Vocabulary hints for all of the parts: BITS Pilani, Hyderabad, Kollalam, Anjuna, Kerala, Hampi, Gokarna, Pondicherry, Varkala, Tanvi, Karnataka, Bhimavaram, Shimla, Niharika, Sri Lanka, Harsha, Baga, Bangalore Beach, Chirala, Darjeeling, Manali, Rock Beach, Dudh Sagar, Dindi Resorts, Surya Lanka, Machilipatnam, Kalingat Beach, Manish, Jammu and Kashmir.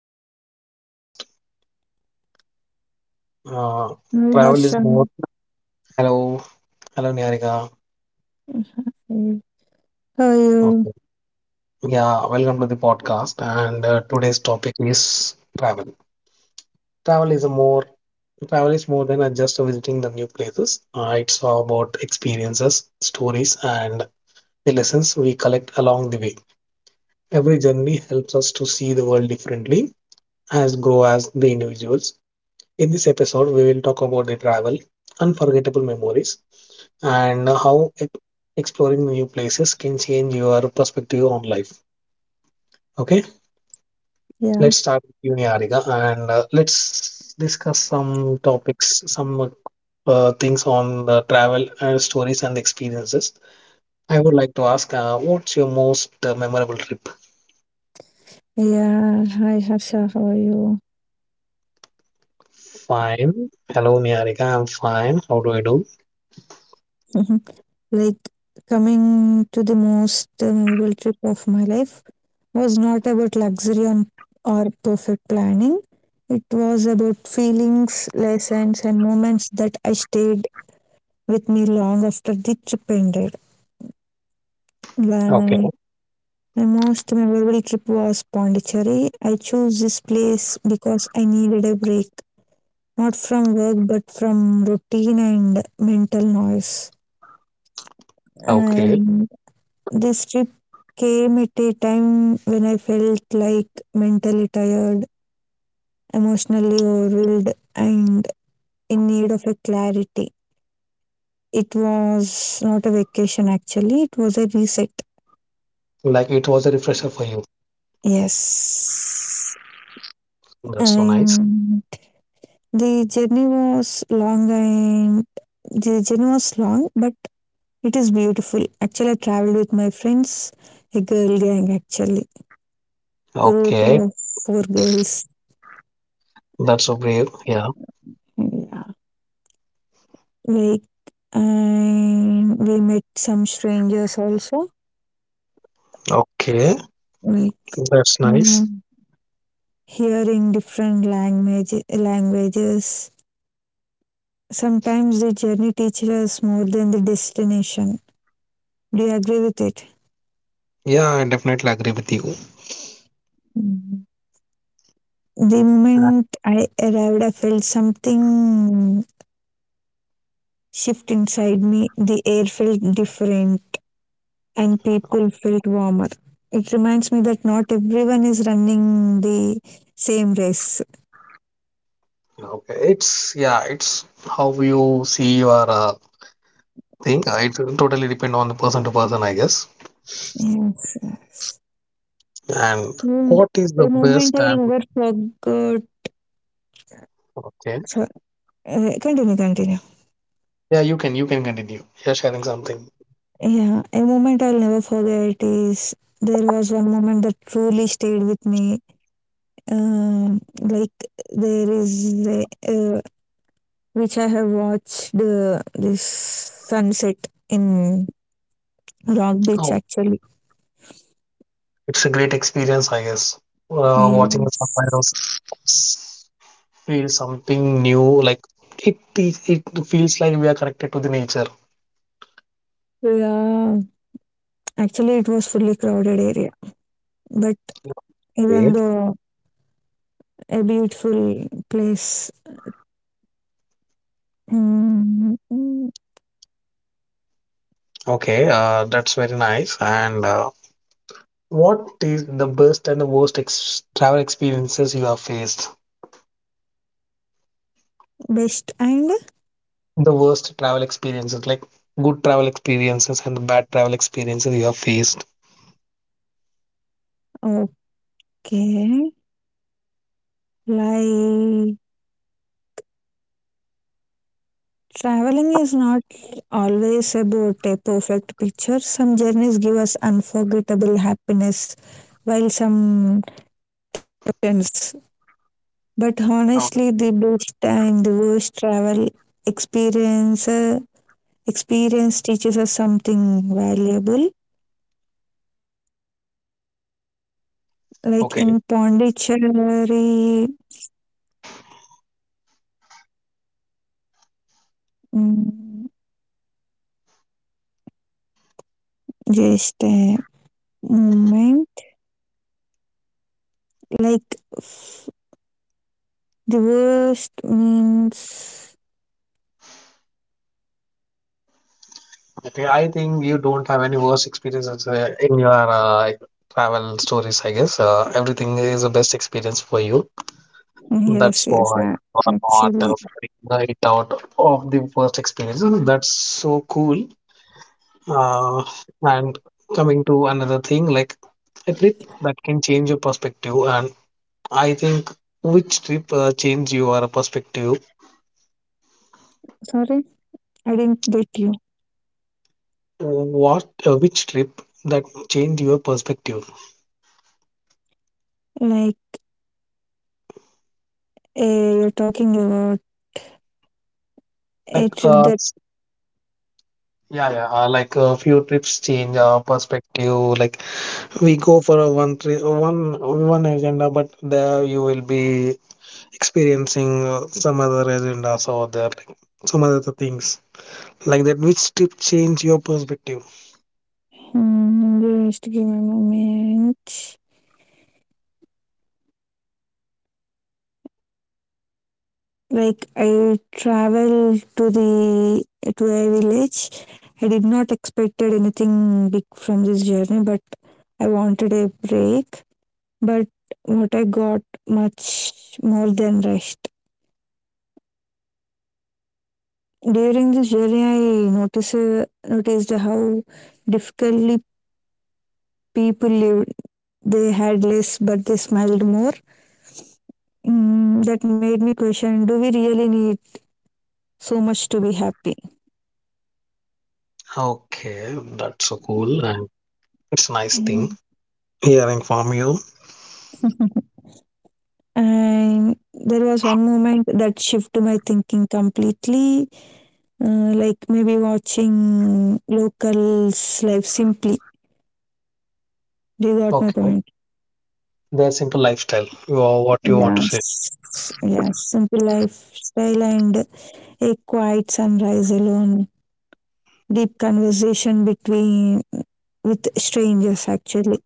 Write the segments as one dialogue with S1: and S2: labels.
S1: welcome to the podcast. Uh,
S2: Hi
S1: travel is
S2: Harsha.
S1: more. Hello, hello, Niharika.
S2: Mm, how are you?
S1: Okay. Yeah, welcome to the podcast. And today's topic is travel. Travel is a more travel is more than just visiting the new places. It's all about experiences, stories, and the lessons we collect along the way. Every journey helps us to see the world differently, as grow as the individuals. In this episode, we will talk about the travel, unforgettable memories, and how exploring new places can change your perspective on life. Okay,
S2: Yeah,
S1: let's start with you, and let's discuss some topics, some things on the travel and stories and experiences. I would like to ask, what's your most memorable trip?
S2: yeah. Hi Harsha, how are you?
S1: Fine. Hello, Niharika. I'm fine. How do I do?
S2: Like, coming to the most memorable trip of my life, was not about luxury on, or perfect planning. It was about feelings, lessons, and moments that I stayed with me long after the trip ended.
S1: Okay.
S2: Like, my most memorable trip was Pondicherry. I chose this place because I needed a break, not from work but from routine and mental noise.
S1: Okay.
S2: And this trip came at a time when I felt like mentally tired, emotionally overwhelmed, and in need of a clarity. It was not a vacation actually, it was a reset.
S1: Like it was a refresher for you.
S2: Yes.
S1: That's so nice.
S2: And the journey was long and the journey was long, but it is beautiful. Actually, I traveled with my friends, a girl gang actually, group
S1: Okay.
S2: of four girls.
S1: That's so brave. Yeah.
S2: Yeah. Like, and we met some strangers also.
S1: Okay.
S2: Like,
S1: That's nice.
S2: um, hearing different languages. Sometimes the journey teaches us more than the destination. Do you agree with it?
S1: Yeah, I definitely agree with you.
S2: Mm. The moment I arrived, I felt something shift inside me. The air felt different, and people felt warmer. It reminds me that not everyone is running the same race.
S1: Okay, it's how you see your thing. It totally depend on the person to person, I guess.
S2: Yes.
S1: And
S2: And
S1: what is the
S2: a moment
S1: best
S2: I
S1: and
S2: will never forget.
S1: okay?
S2: so- continue, continue.
S1: Yeah, you can continue. You're sharing something.
S2: Yeah, a moment I'll never forget is there was one moment that truly stayed with me. Um, like there is a, uh, which I have watched this sunset in Rock Beach
S1: Oh,
S2: actually.
S1: it's a great experience, I guess. Watching someone
S2: Yes.
S1: else feel something new, like it feels like we are connected to the nature.
S2: Yeah. Actually, it was fully crowded area, but
S1: Okay,
S2: even though a beautiful place. Mm, mm,
S1: okay, that's very nice and. What is the best and the worst ex travel experiences you have faced?
S2: best and
S1: The worst travel experiences, like good travel experiences and the bad travel experiences you have faced.
S2: okay, like, traveling is not always about a perfect picture. Some journeys give us unforgettable happiness, while some turns. But
S1: Okay.
S2: honestly, the best and the worst travel experience experience teaches us something valuable. Like
S1: Okay,
S2: in Pondicherry, mm, just a moment. Like, f- the worst means
S1: okay. I think you don't have any worst experiences in your travel stories, I guess. Everything is the best experience for you.
S2: yes,
S1: That's
S2: yes.
S1: why you are not
S2: Actually,
S1: figuring it out of the worst experiences. That's so cool. uh, and coming to another thing, like a trip that can change your perspective, and I think which trip change your perspective.
S2: sorry, I didn't get you.
S1: What Which trip that change your perspective?
S2: Like, you're talking about a
S1: like
S2: trip
S1: uh
S2: that.
S1: s- yeah, yeah, like a few trips change our perspective, like we go for a one trip, one agenda, but there you will be experiencing some other agendas, or there, like, some other things like that. Which trip change your perspective?
S2: Hmm, just give me a moment. Like I traveled to a village. I did not expected anything big from this journey, but I wanted a break. But what I got much more than rest. During this journey, I noticed how difficultly people lived. They had less, but they smiled more. Mm, that made me question: do we really need so much to be happy?
S1: Okay, that's so cool, and it's a nice thing hearing from you.
S2: And there was one moment that shifted my thinking completely, like maybe watching locals' life simply. They got my
S1: Okay,
S2: point.
S1: their simple lifestyle. You are what you want to say.
S2: Yes, yes, simple lifestyle and a quiet sunrise alone, deep conversation between with strangers actually.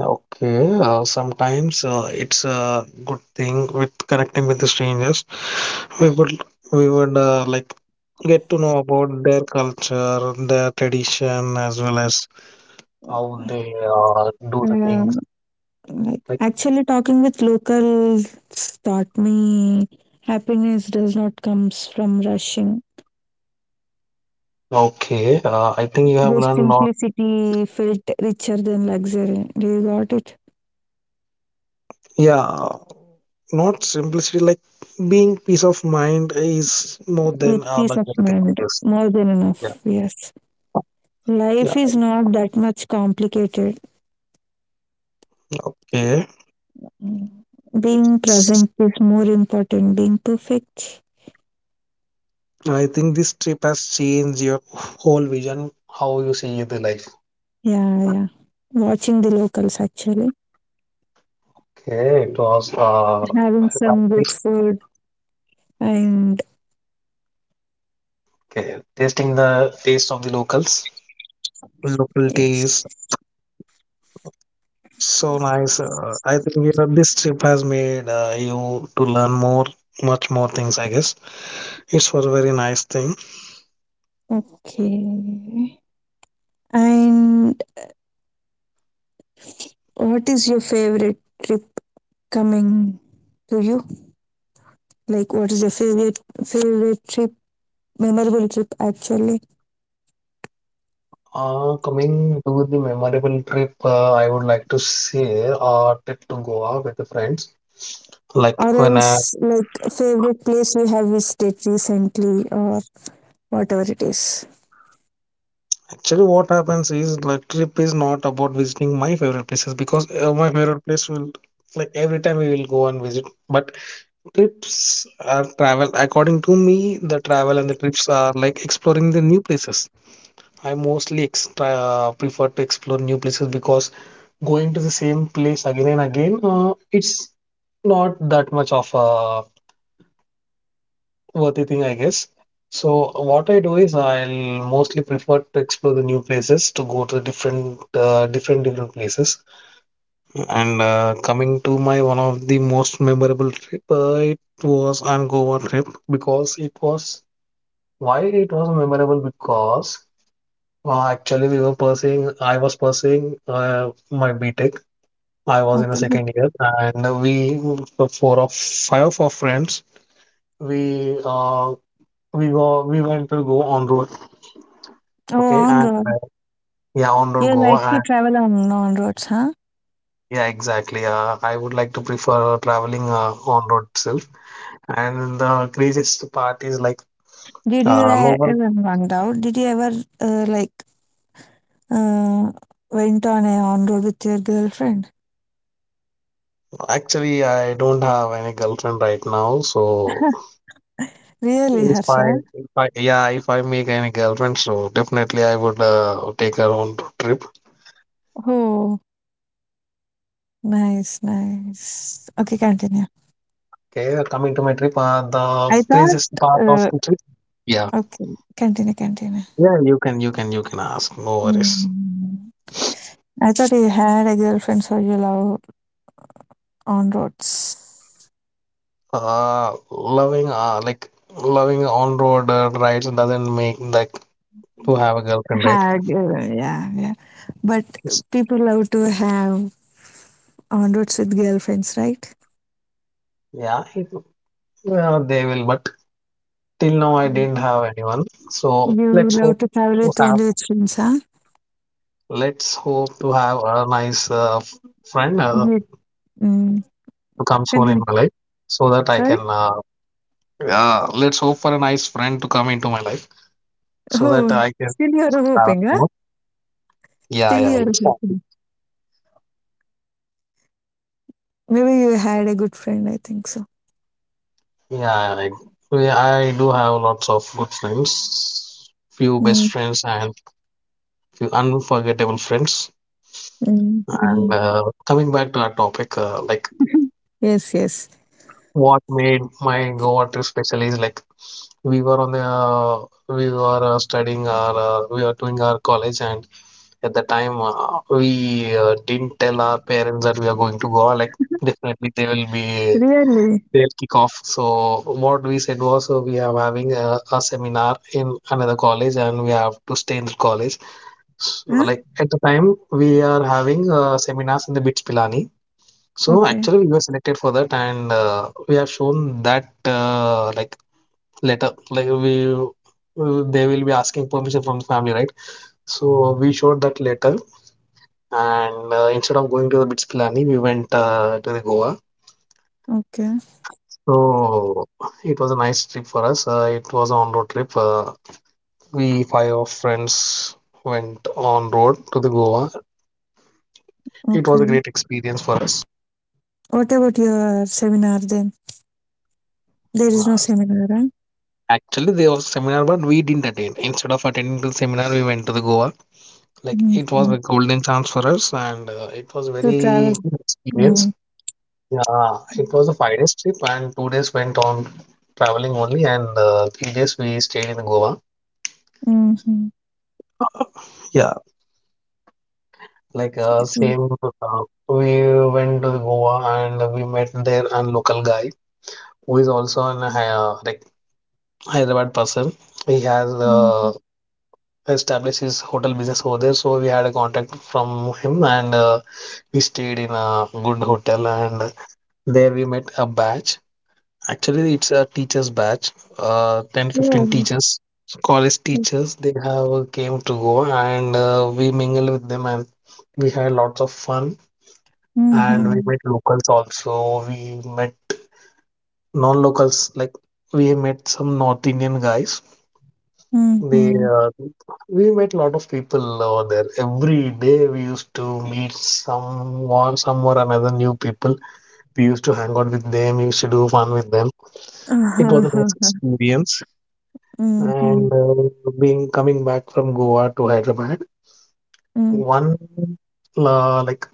S1: Okay, sometimes it's a good thing with connecting with the strangers. We would we would like get to know about their culture, their tradition, as well as how they do the things.
S2: Um, like
S1: Like
S2: actually talking with locals taught me happiness does not comes from rushing.
S1: okay, I think you have
S2: Their
S1: learned a lot.
S2: simplicity felt richer than luxury. Do you got it?
S1: Yeah, not simplicity, like being peace of mind is more than
S2: With peace
S1: like
S2: of
S1: everything, I
S2: mind,
S1: guess.
S2: more than
S1: Yeah,
S2: enough. Yes.
S1: yeah,
S2: Life is not that much complicated.
S1: okay.
S2: Being present is more important. Being perfect.
S1: I think this trip has changed your whole vision, how you see the life.
S2: Yeah, yeah. Watching the locals actually.
S1: Okay, it was
S2: Having some good food and
S1: okay, tasting the taste of the locals, local
S2: yes.
S1: taste. So nice. I think, this trip has made you to learn more, much more things, I guess. It was a very nice thing.
S2: Okay. And what is your favorite trip coming to you? Like, what is your favorite trip, memorable trip actually,
S1: Coming to the memorable trip, I would like to say a trip to Goa with the friends.
S2: or
S1: Like when I,
S2: else like favorite place you have visited recently or whatever it is.
S1: actually what happens is, like, trip is not about visiting my favorite places, because my favorite place will, like, every time we will go and visit. But trips are travel. According to me, the travel and the trips are like exploring the new places. I mostly prefer to explore new places, because going to the same place again and again, it's not that much of a worthy thing, I guess. So what I do is I'll mostly prefer to explore the new places, to go to different, places. And coming to my one of the most memorable trip, it was an Goa trip, because it was, why it was memorable, because actually I was pursuing my B Tech. I was in the
S2: Okay.
S1: second year, and we the four of five of our friends, we uh we went to go on road.
S2: Oh,
S1: Okay,
S2: on
S1: and
S2: road.
S1: yeah, on road
S2: You
S1: go.
S2: like to
S1: And
S2: travel on roads, huh?
S1: yeah, exactly. I would like to prefer traveling on road itself. And the craziest part is, like,
S2: Did you
S1: no one.
S2: ever went out, did you ever, like, uh, went on a on road with your girlfriend?
S1: Actually, I don't have any girlfriend right now, so
S2: Really,
S1: if I
S2: Harsha.
S1: if I yeah if I make any girlfriend, so definitely I would take her on road trip.
S2: Oh, nice, nice. Okay, continue.
S1: Okay, coming to my trip,
S2: I
S1: the
S2: thought
S1: craziest part of the trip. Yeah.
S2: Okay, continue, continue.
S1: Yeah, you can ask. No worries.
S2: Hmm. I thought you had a girlfriend, so you love on roads.
S1: Like loving on-road rides doesn't make like to have a girlfriend, right?
S2: Had, yeah, yeah. But
S1: It's-
S2: people love to have on roads with girlfriends, right?
S1: yeah, yeah, they will. But till now, I
S2: Mhm.
S1: didn't have anyone. So
S2: You
S1: let's
S2: love
S1: hope
S2: to travel
S1: to
S2: with
S1: have.
S2: only with friends, huh?
S1: Let's hope to have a nice friend
S2: With, mm,
S1: to come soon in
S2: continue.
S1: my life, so that I can.
S2: Sorry?
S1: Yeah, let's hope for a nice friend to come into my life, so that
S2: Oh,
S1: I can
S2: still you're
S1: travel
S2: hoping, huh?
S1: more. Yeah,
S2: Still
S1: yeah,
S2: you're
S1: yeah.
S2: hoping. Maybe you had a good friend, I think so.
S1: yeah, I, yeah, I do have lots of good friends, few best
S2: Mm,
S1: friends, and few unforgettable friends.
S2: mm,
S1: And
S2: mm.
S1: coming back to our topic, like
S2: Yes, yes.
S1: what made my Goa trip special is, like, we were studying our we were doing our college, and at the time we didn't tell our parents that we are going to Goa. Like definitely they will be,
S2: Really?
S1: they'll kick off. So what we said was, we are having a seminar in another college, and we have to stay in the college. So,
S2: Huh?
S1: like, at the time we are having seminars in the BITS Pilani. So
S2: Okay,
S1: actually we were selected for that, and we have shown that, like, letter, like we they will be asking permission from the family, right? So we showed that letter, and instead of going to the BITS Pilani, we went to the Goa.
S2: okay,
S1: So it was a nice trip for us. It was a on road trip. We five of friends went on road to the Goa. It was a
S2: okay.
S1: great experience for us.
S2: What about your seminar then? There is no
S1: Uh,
S2: seminar, huh?
S1: Actually, there was seminar, but we didn't attend. Instead of attending to the seminar, we went to the Goa. Like it was a
S2: Mhm.
S1: golden chance for us, and it was
S2: To travel.
S1: very good
S2: Mm.
S1: experience. Yeah, it was a 5 days trip, and 2 days went on traveling only, and 3 days we stayed in Goa.
S2: Mhm.
S1: Uh, Yeah,
S2: Mm.
S1: same, we went to the Goa, and we met there a local guy who is also an like Hyderabad person. He has
S2: Mhm.
S1: established his hotel business over there, so we had a contact from him, and we stayed in a good hotel, and there we met a batch. Actually, it's a teachers batch, 10, 15
S2: Oh,
S1: teachers, college
S2: oh.
S1: teachers. They have came to Goa, and we mingled with them, and we had lots of fun, and we
S2: Mhm.
S1: met locals also. We met non-locals, like we met some North Indian guys. They
S2: Mhm.
S1: We met a lot of people over there. Every day we used to meet someone, some or another new people. We used to hang out with them. We used to do fun with them. It was a nice
S2: Ahahaha.
S1: experience. And
S2: Mhm.
S1: being coming back from Goa to Hyderabad,
S2: Mm.
S1: one like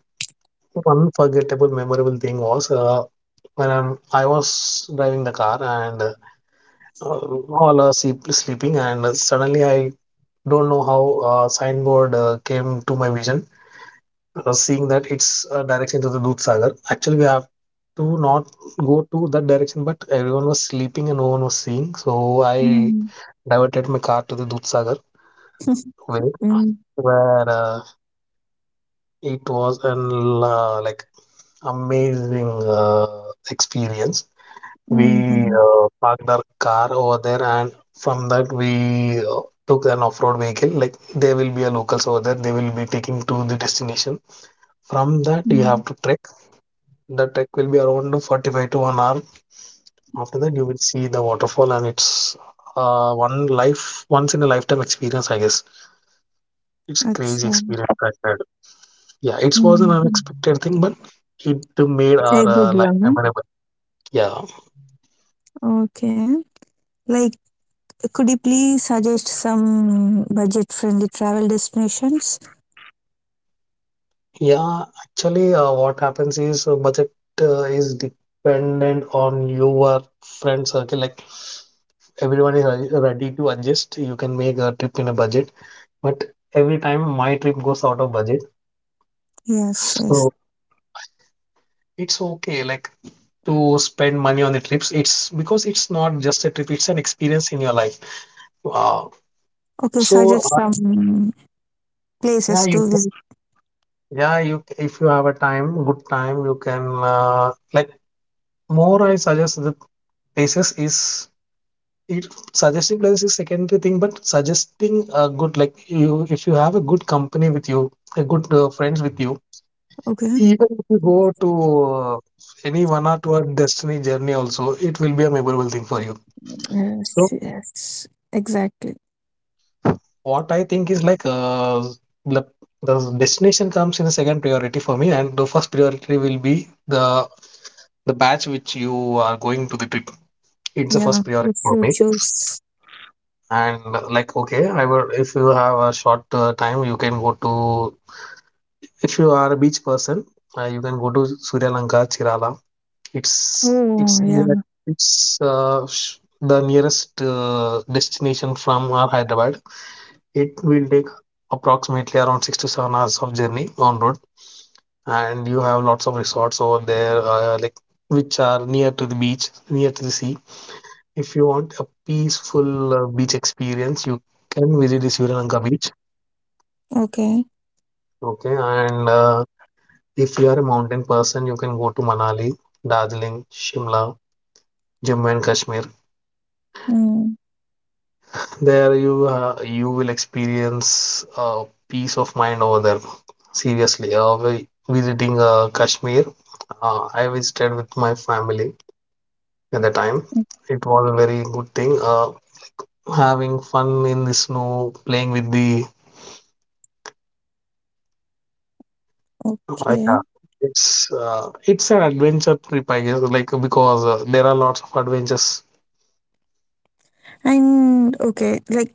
S1: one unforgettable, memorable thing was, when I was driving the car, and all are sleeping, and suddenly I don't know how signboard came to my vision, seeing that it's a direction to the Dudh Sagar. Actually, we have to not go to that direction, but everyone was sleeping and no one was seeing, so I
S2: Mm.
S1: diverted my car to the Dudh Sagar way,
S2: Mm.
S1: where it was an like amazing experience. We
S2: Mhm.
S1: parked our car over there, and from that we took an off-road vehicle. Like there will be a locals over there. They will be taking to the destination. From that you
S2: Mm.
S1: have to trek. The trek will be around 45 to 1 hour. After that you will see the waterfall, and it's once in a lifetime experience, I guess. It's a crazy
S2: Acha.
S1: experience I had. Yeah, it was an
S2: Mhm.
S1: unexpected thing, but it made
S2: A
S1: our
S2: good
S1: life
S2: one, huh?
S1: memorable. Yeah.
S2: Okay. Like, could you please suggest some budget-friendly travel destinations?
S1: Yeah, actually, what happens is budget is dependent on your friend circle. Like everyone is ready to adjust. You can make a trip in a budget, but every time my trip goes out of budget,
S2: Yes, yes.
S1: so it's okay. Like to spend money on the trips, it's because it's not just a trip; it's an experience in your life. Uh,
S2: Okay,
S1: so
S2: suggest some
S1: yeah,
S2: places
S1: you
S2: to visit.
S1: yeah you if you have a time, good time, you can like more. I suggest the places it, Suggestive plans is secondary thing, but suggesting a good, like, you if you have a good company with you, a good friends with you,
S2: Okay.
S1: even if you go to uh, any 1 or 2 hour destiny journey also, it will be a memorable thing for you. So
S2: Yes, yes, exactly.
S1: what I think is like the, the destination comes in a second priority for me, and the first priority will be the batch which you are going to the trip. It's the
S2: Yeah,
S1: first priority
S2: which
S1: for
S2: we
S1: me.
S2: choose.
S1: And like, okay, I will, if you have a short time, you can go to, if you are a beach person, you can go to Surya Lanka, Chirala. It's
S2: Oh,
S1: near-
S2: yeah.
S1: it's the nearest destination from our Hyderabad. It will take approximately around 6 to 7 hours of journey on road, and you have lots of resorts over there, like, which are near to the beach, near to the sea. If you want a peaceful beach experience, you can visit the Sri Lanka beach.
S2: Okay.
S1: Okay, and if you are a mountain person, you can go to Manali, Darjeeling, Shimla, Jammu and Kashmir.
S2: Mm,
S1: There you you will experience peace of mind over there. Seriously, visiting Kashmir, I visited with my family at the time.
S2: mm,
S1: It was a very good thing. Having fun in the snow, playing with the
S2: okay.
S1: yeah, it's an adventure trip, I guess. Like, because there are lots of adventures.
S2: And okay, like,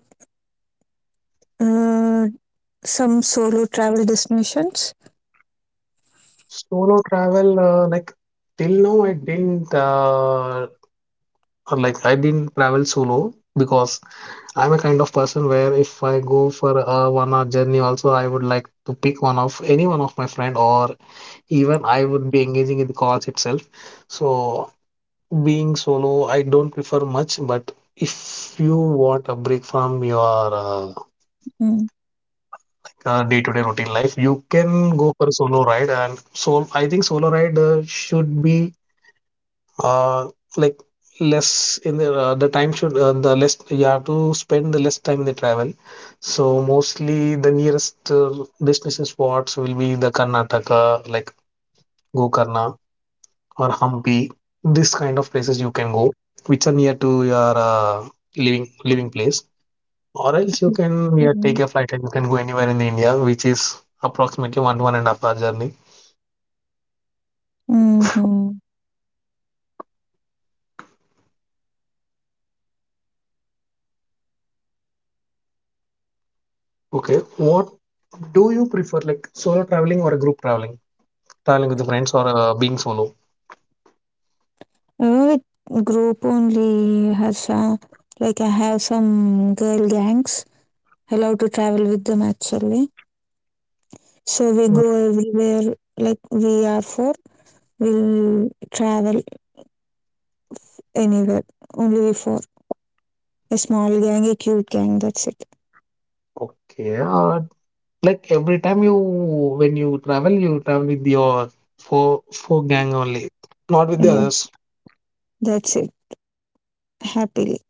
S2: uh, some solo travel destinations.
S1: Solo travel, like, till now, I didn't like, I didn't travel solo because I'm a kind of person where if I go for a 1 hour journey also, I would like to pick one of, any one of my friend, or even I would be engaging in the calls itself. So being solo, I don't prefer much. But if you want a break from your
S2: Mm,
S1: day-to-day routine life, you can go for a solo ride. And so I think solo ride should be uh, like less in the time should the less you have to spend, the less time in the travel. So mostly the nearest destination spots will be the Karnataka, like Gokarna or Hampi. This kind of places you can go, which are near to your living place. Or else you can, yeah, take
S2: mm,
S1: a flight and you can go anywhere in India, which is approximately 1.5 hour journey.
S2: mm-hmm.
S1: Okay, what do you prefer, like solo traveling or a group traveling? Traveling with the friends or being solo?
S2: Uh, with group only, Harsha. Like I have some girl gangs allowed to travel with them actually. So we
S1: Mm.
S2: go everywhere. Like we are four, we'll travel anywhere, only for a small gang, a cute gang, that's it.
S1: Okay. Like, every time you, when you travel with your four four gang only, not with the
S2: Yes,
S1: others.
S2: that's it. Happily.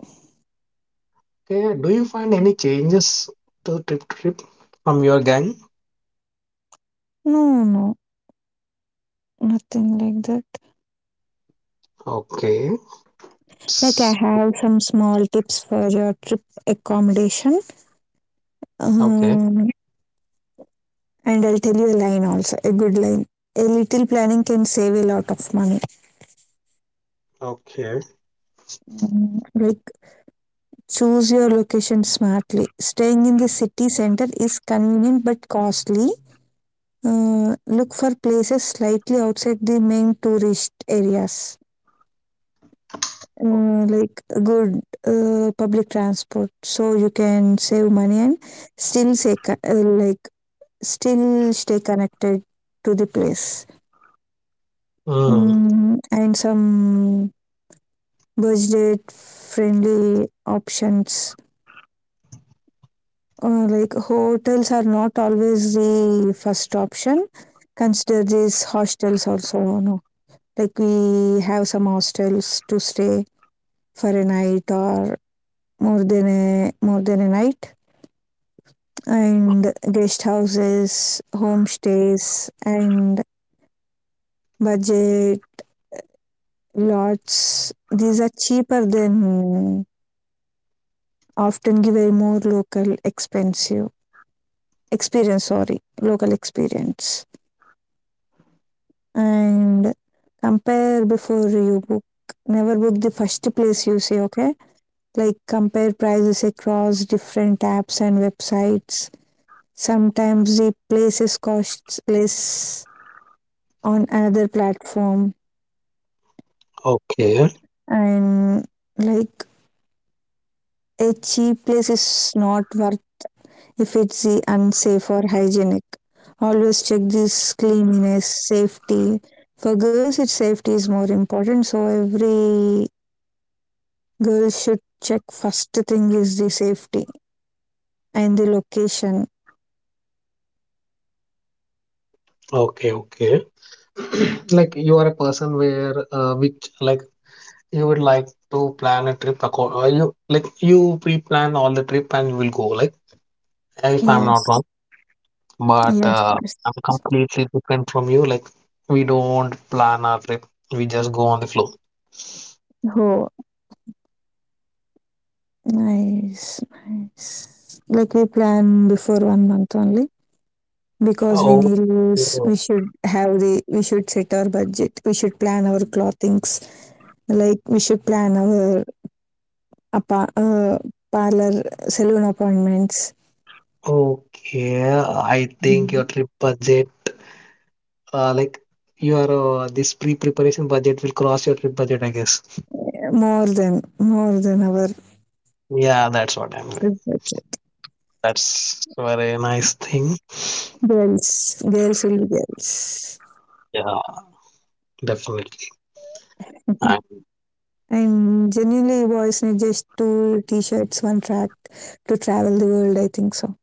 S1: Okay. Do you find any changes to trip from your gang?
S2: No, no, nothing like that.
S1: Okay.
S2: Like, I
S1: It's good.
S2: have some small tips for your trip accommodation.
S1: Okay.
S2: Um, and I'll tell you a line also, a good line. A little planning can save a lot of money.
S1: Okay.
S2: Mm. Like, choose your location smartly. Staying in the city center is convenient but costly. Look for places slightly outside the main tourist areas, like good public transport so you can save money and still stay co- uh, like still stay connected to the place.
S1: Mm,
S2: Mm, and some budget friendly options, like hotels are not always the first option, consider these hostels also. Like we have some hostels to stay for a night or more than a night, and guest houses, homestays and budget lots. These are cheaper than often give a more local expensive experience, sorry, local experience. And compare before you book, never book the first place you see, okay? Like compare prices across different apps and websites. Sometimes the places costs less on another platform,
S1: okay.
S2: and like a cheap place is not worth if it's the unsafe or hygienic. Always check this cleanliness, safety. For girls, its safety is more important, so every girl should check first thing is the safety and the location.
S1: Okay. Okay. Like, you are a person where which, like, you would like to plan a trip accord, or you, like, you pre-plan all the trip and you will go, like, if I'm not
S2: Yes,
S1: wrong, but
S2: yes, yes.
S1: I'm completely different from you. Like, we don't plan our trip, we just go on the flow.
S2: Oh, nice, nice. Like we plan before one month only because we
S1: Oh,
S2: need to we should have the we should set our budget. We should plan our clothings. Like we should plan our appa- uh, parlor saloon appointments.
S1: okay. I think your trip budget, like, your this pre-preparation budget will cross your trip budget, I guess.
S2: More than our
S1: Yeah, that's what I'm doing.
S2: budget.
S1: That's very nice thing.
S2: Girls, girls will be girls.
S1: Yeah, definitely. I,
S2: And genuinely, boys need just two t-shirts, one track to travel the world. I think so.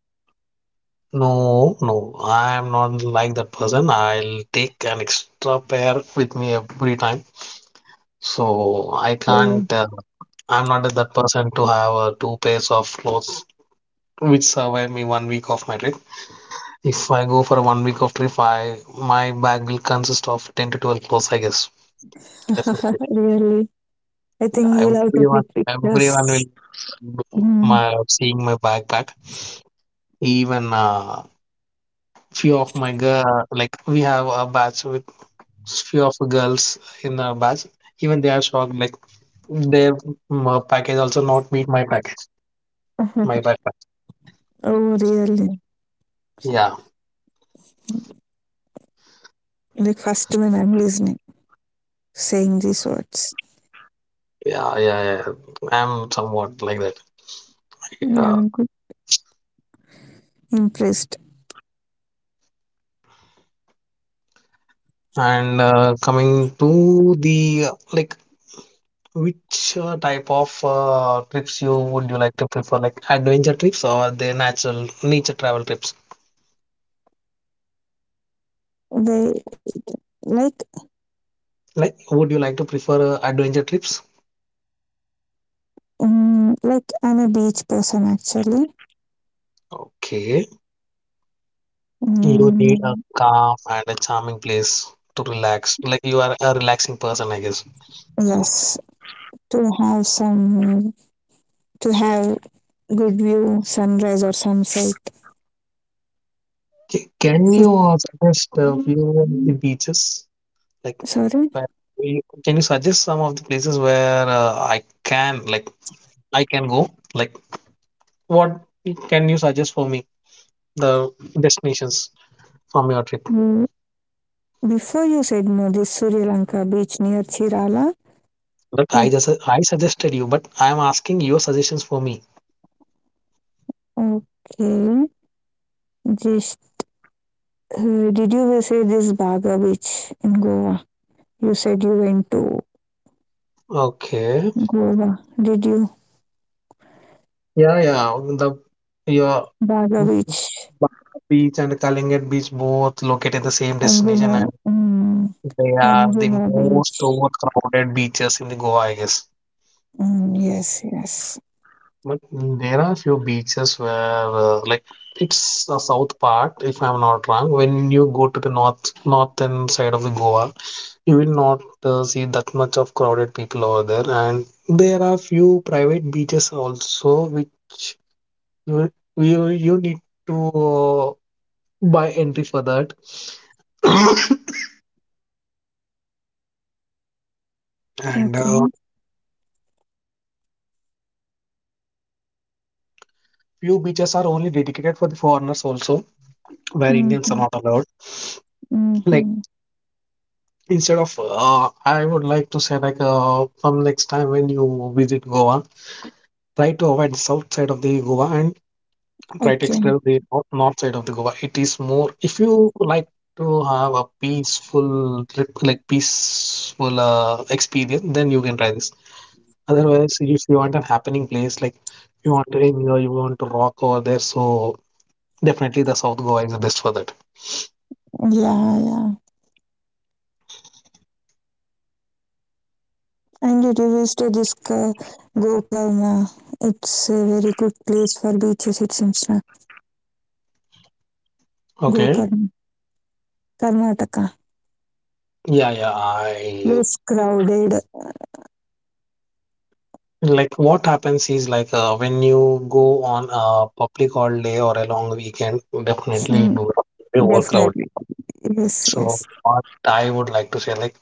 S1: no, no, I'm not like that person. I'll take an extra pair with me every time. So I
S2: Oh.
S1: can't, I'm not that person to have two pairs of clothes which survive me 1 week of my trip. If I go for a 1 week of trip, I my bag will consist of 10 to 12 clothes, I guess. Definitely.
S2: Really, I think
S1: Yeah,
S2: you'll have to click
S1: everyone will
S2: pictures.
S1: look
S2: Mm.
S1: my seeing my backpack. Even few of my girl, like, we have a batch with few of the girls in our batch. Even they are shocked, like their package also not meet my package, my backpack.
S2: Oh, really?
S1: Yeah.
S2: Like first when I'm listening, saying these words.
S1: Yeah, yeah, yeah. I'm somewhat like that.
S2: Yeah,
S1: Yeah.
S2: I'm good. Impressed.
S1: And coming to the like, which type of trips you would you like to prefer, like adventure trips or the natural nature travel trips?
S2: Wait, like,
S1: Like, would you like to prefer adventure trips?
S2: mm, like I'm a beach person actually.
S1: Okay, you need a
S2: Mm,
S1: calm and a charming place to relax. Like, you are a relaxing person, I guess.
S2: yes, to have some, to have good view, sunrise or sunset.
S1: Okay. Can
S2: Sit-
S1: you suggest a few of the beaches? Like,
S2: Sorry,
S1: where can you suggest some of the places where I can, like, I can go? Like, what can you suggest for me, the destinations from your trip?
S2: mm, before you said no, this Sri Lanka beach near Chirala.
S1: But I
S2: It
S1: just I suggested you, but I'm asking your suggestions for me.
S2: okay. Just, did you visit this Baga beach in Goa? You said you went to
S1: Okay.
S2: Goa. Did you
S1: Yeah, yeah. The your
S2: Baga beach,
S1: Bangalore Beach and Kalingat Beach both located in the same
S2: Anjuna,
S1: destination, and
S2: mm,
S1: they are the
S2: Anjuna beach?
S1: most overcrowded beaches in the Goa, I guess.
S2: Mm, yes, yes.
S1: But there are few beaches where, like, it's the south part, if I'm not wrong. When you go to the northern side of the Goa, you will not see that much of crowded people over there. And there are few private beaches also, which you you need to buy entry for that. And
S2: Okay.
S1: few beaches are only dedicated for the foreigners also, where Indians are
S2: Mm-hmm.
S1: not allowed. Like.
S2: Mm-hmm.
S1: Instead of, I would like to say, like, from next time when you visit Goa, try to avoid the south side of the Goa and try to
S2: Okay.
S1: explore the north side of the Goa. It is more, if you like to have a peaceful trip, like peaceful experience, then you can try this. Otherwise, if you want a happening place, like you want to enjoy, you want to rock over there, so definitely the South Goa is the best for that.
S2: Yeah, yeah. And did you visit this Gokarna? It's a very good place for beaches, it seems.
S1: Okay.
S2: Gokarna, Karnataka.
S1: Yeah, yeah, I
S2: Less crowded.
S1: Like, what happens is like when you go on a public holiday or a long weekend, definitely it
S2: Mm.
S1: will be overcrowded.
S2: Definitely. Yes,
S1: So
S2: yes,
S1: what I would like to say, like,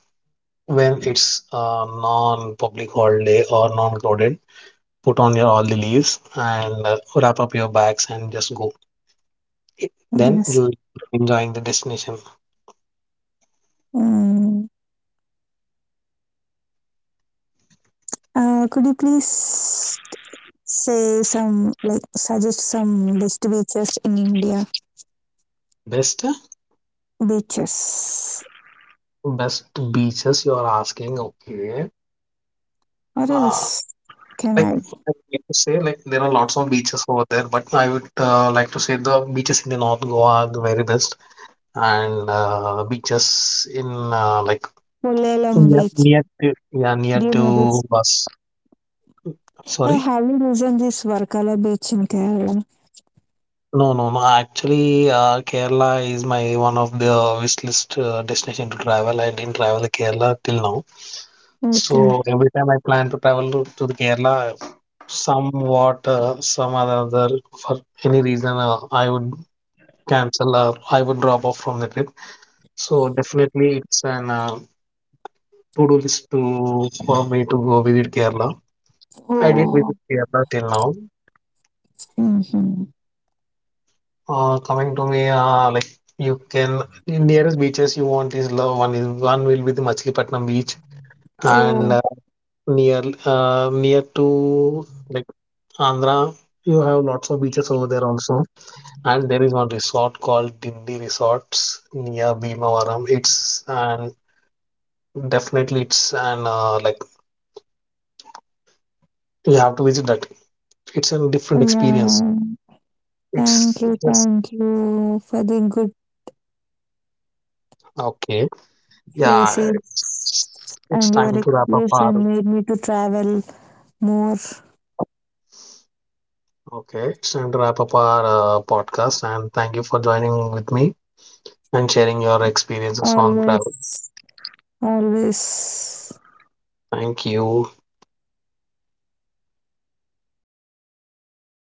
S1: when it's a non-public holiday or non-crowded, put on your all the leaves and wrap up your bags and just go. Then
S2: yes.
S1: you enjoying the destination.
S2: Mm. Could you please say some, like, suggest some best beaches in India?
S1: Best
S2: Beaches.
S1: Best beaches you are asking. Okay,
S2: Or
S1: uh,
S2: else, can
S1: like,
S2: I?
S1: I would like to say, like, there are lots of beaches over there, but I would like to say the beaches in the North Goa are the very best, and beaches in like,
S2: Kollalam Beach.
S1: near to, yeah, near
S2: Do you know
S1: to
S2: this?
S1: bus.
S2: I
S1: Sorry,
S2: haven't visited this Varkala Beach in Kerala.
S1: no, no, no. Actually, Kerala is my one of the wish list destination to travel. I didn't travel to Kerala till now, so
S2: Okay.
S1: every time I plan to travel to the Kerala, somewhat some other for any reason I would cancel, or I would drop off from the trip. So definitely it's an to-do list to for me to go visit Kerala. I did
S2: Oh.
S1: visit Kerala till now.
S2: Mm-hmm.
S1: Coming to me, like, you can, the nearest beaches you want is love, one will be the Machilipatnam beach, and
S2: Oh,
S1: near, to, like, Andhra, you have lots of beaches over there also. And there is one resort called Dindi Resorts near Bhimavaram. It's an, definitely, it's an like, you have to visit that. It's a different experience.
S2: yeah.
S1: It's just
S2: Thank you for the good
S1: okay. Yeah,
S2: places
S1: it's
S2: and your
S1: time to wrap up
S2: explanation
S1: our,
S2: made me to travel more.
S1: okay, it's time to wrap up our podcast. And thank you for joining with me and sharing your experiences on travel.
S2: Always, always,
S1: Thank you.
S2: yeah.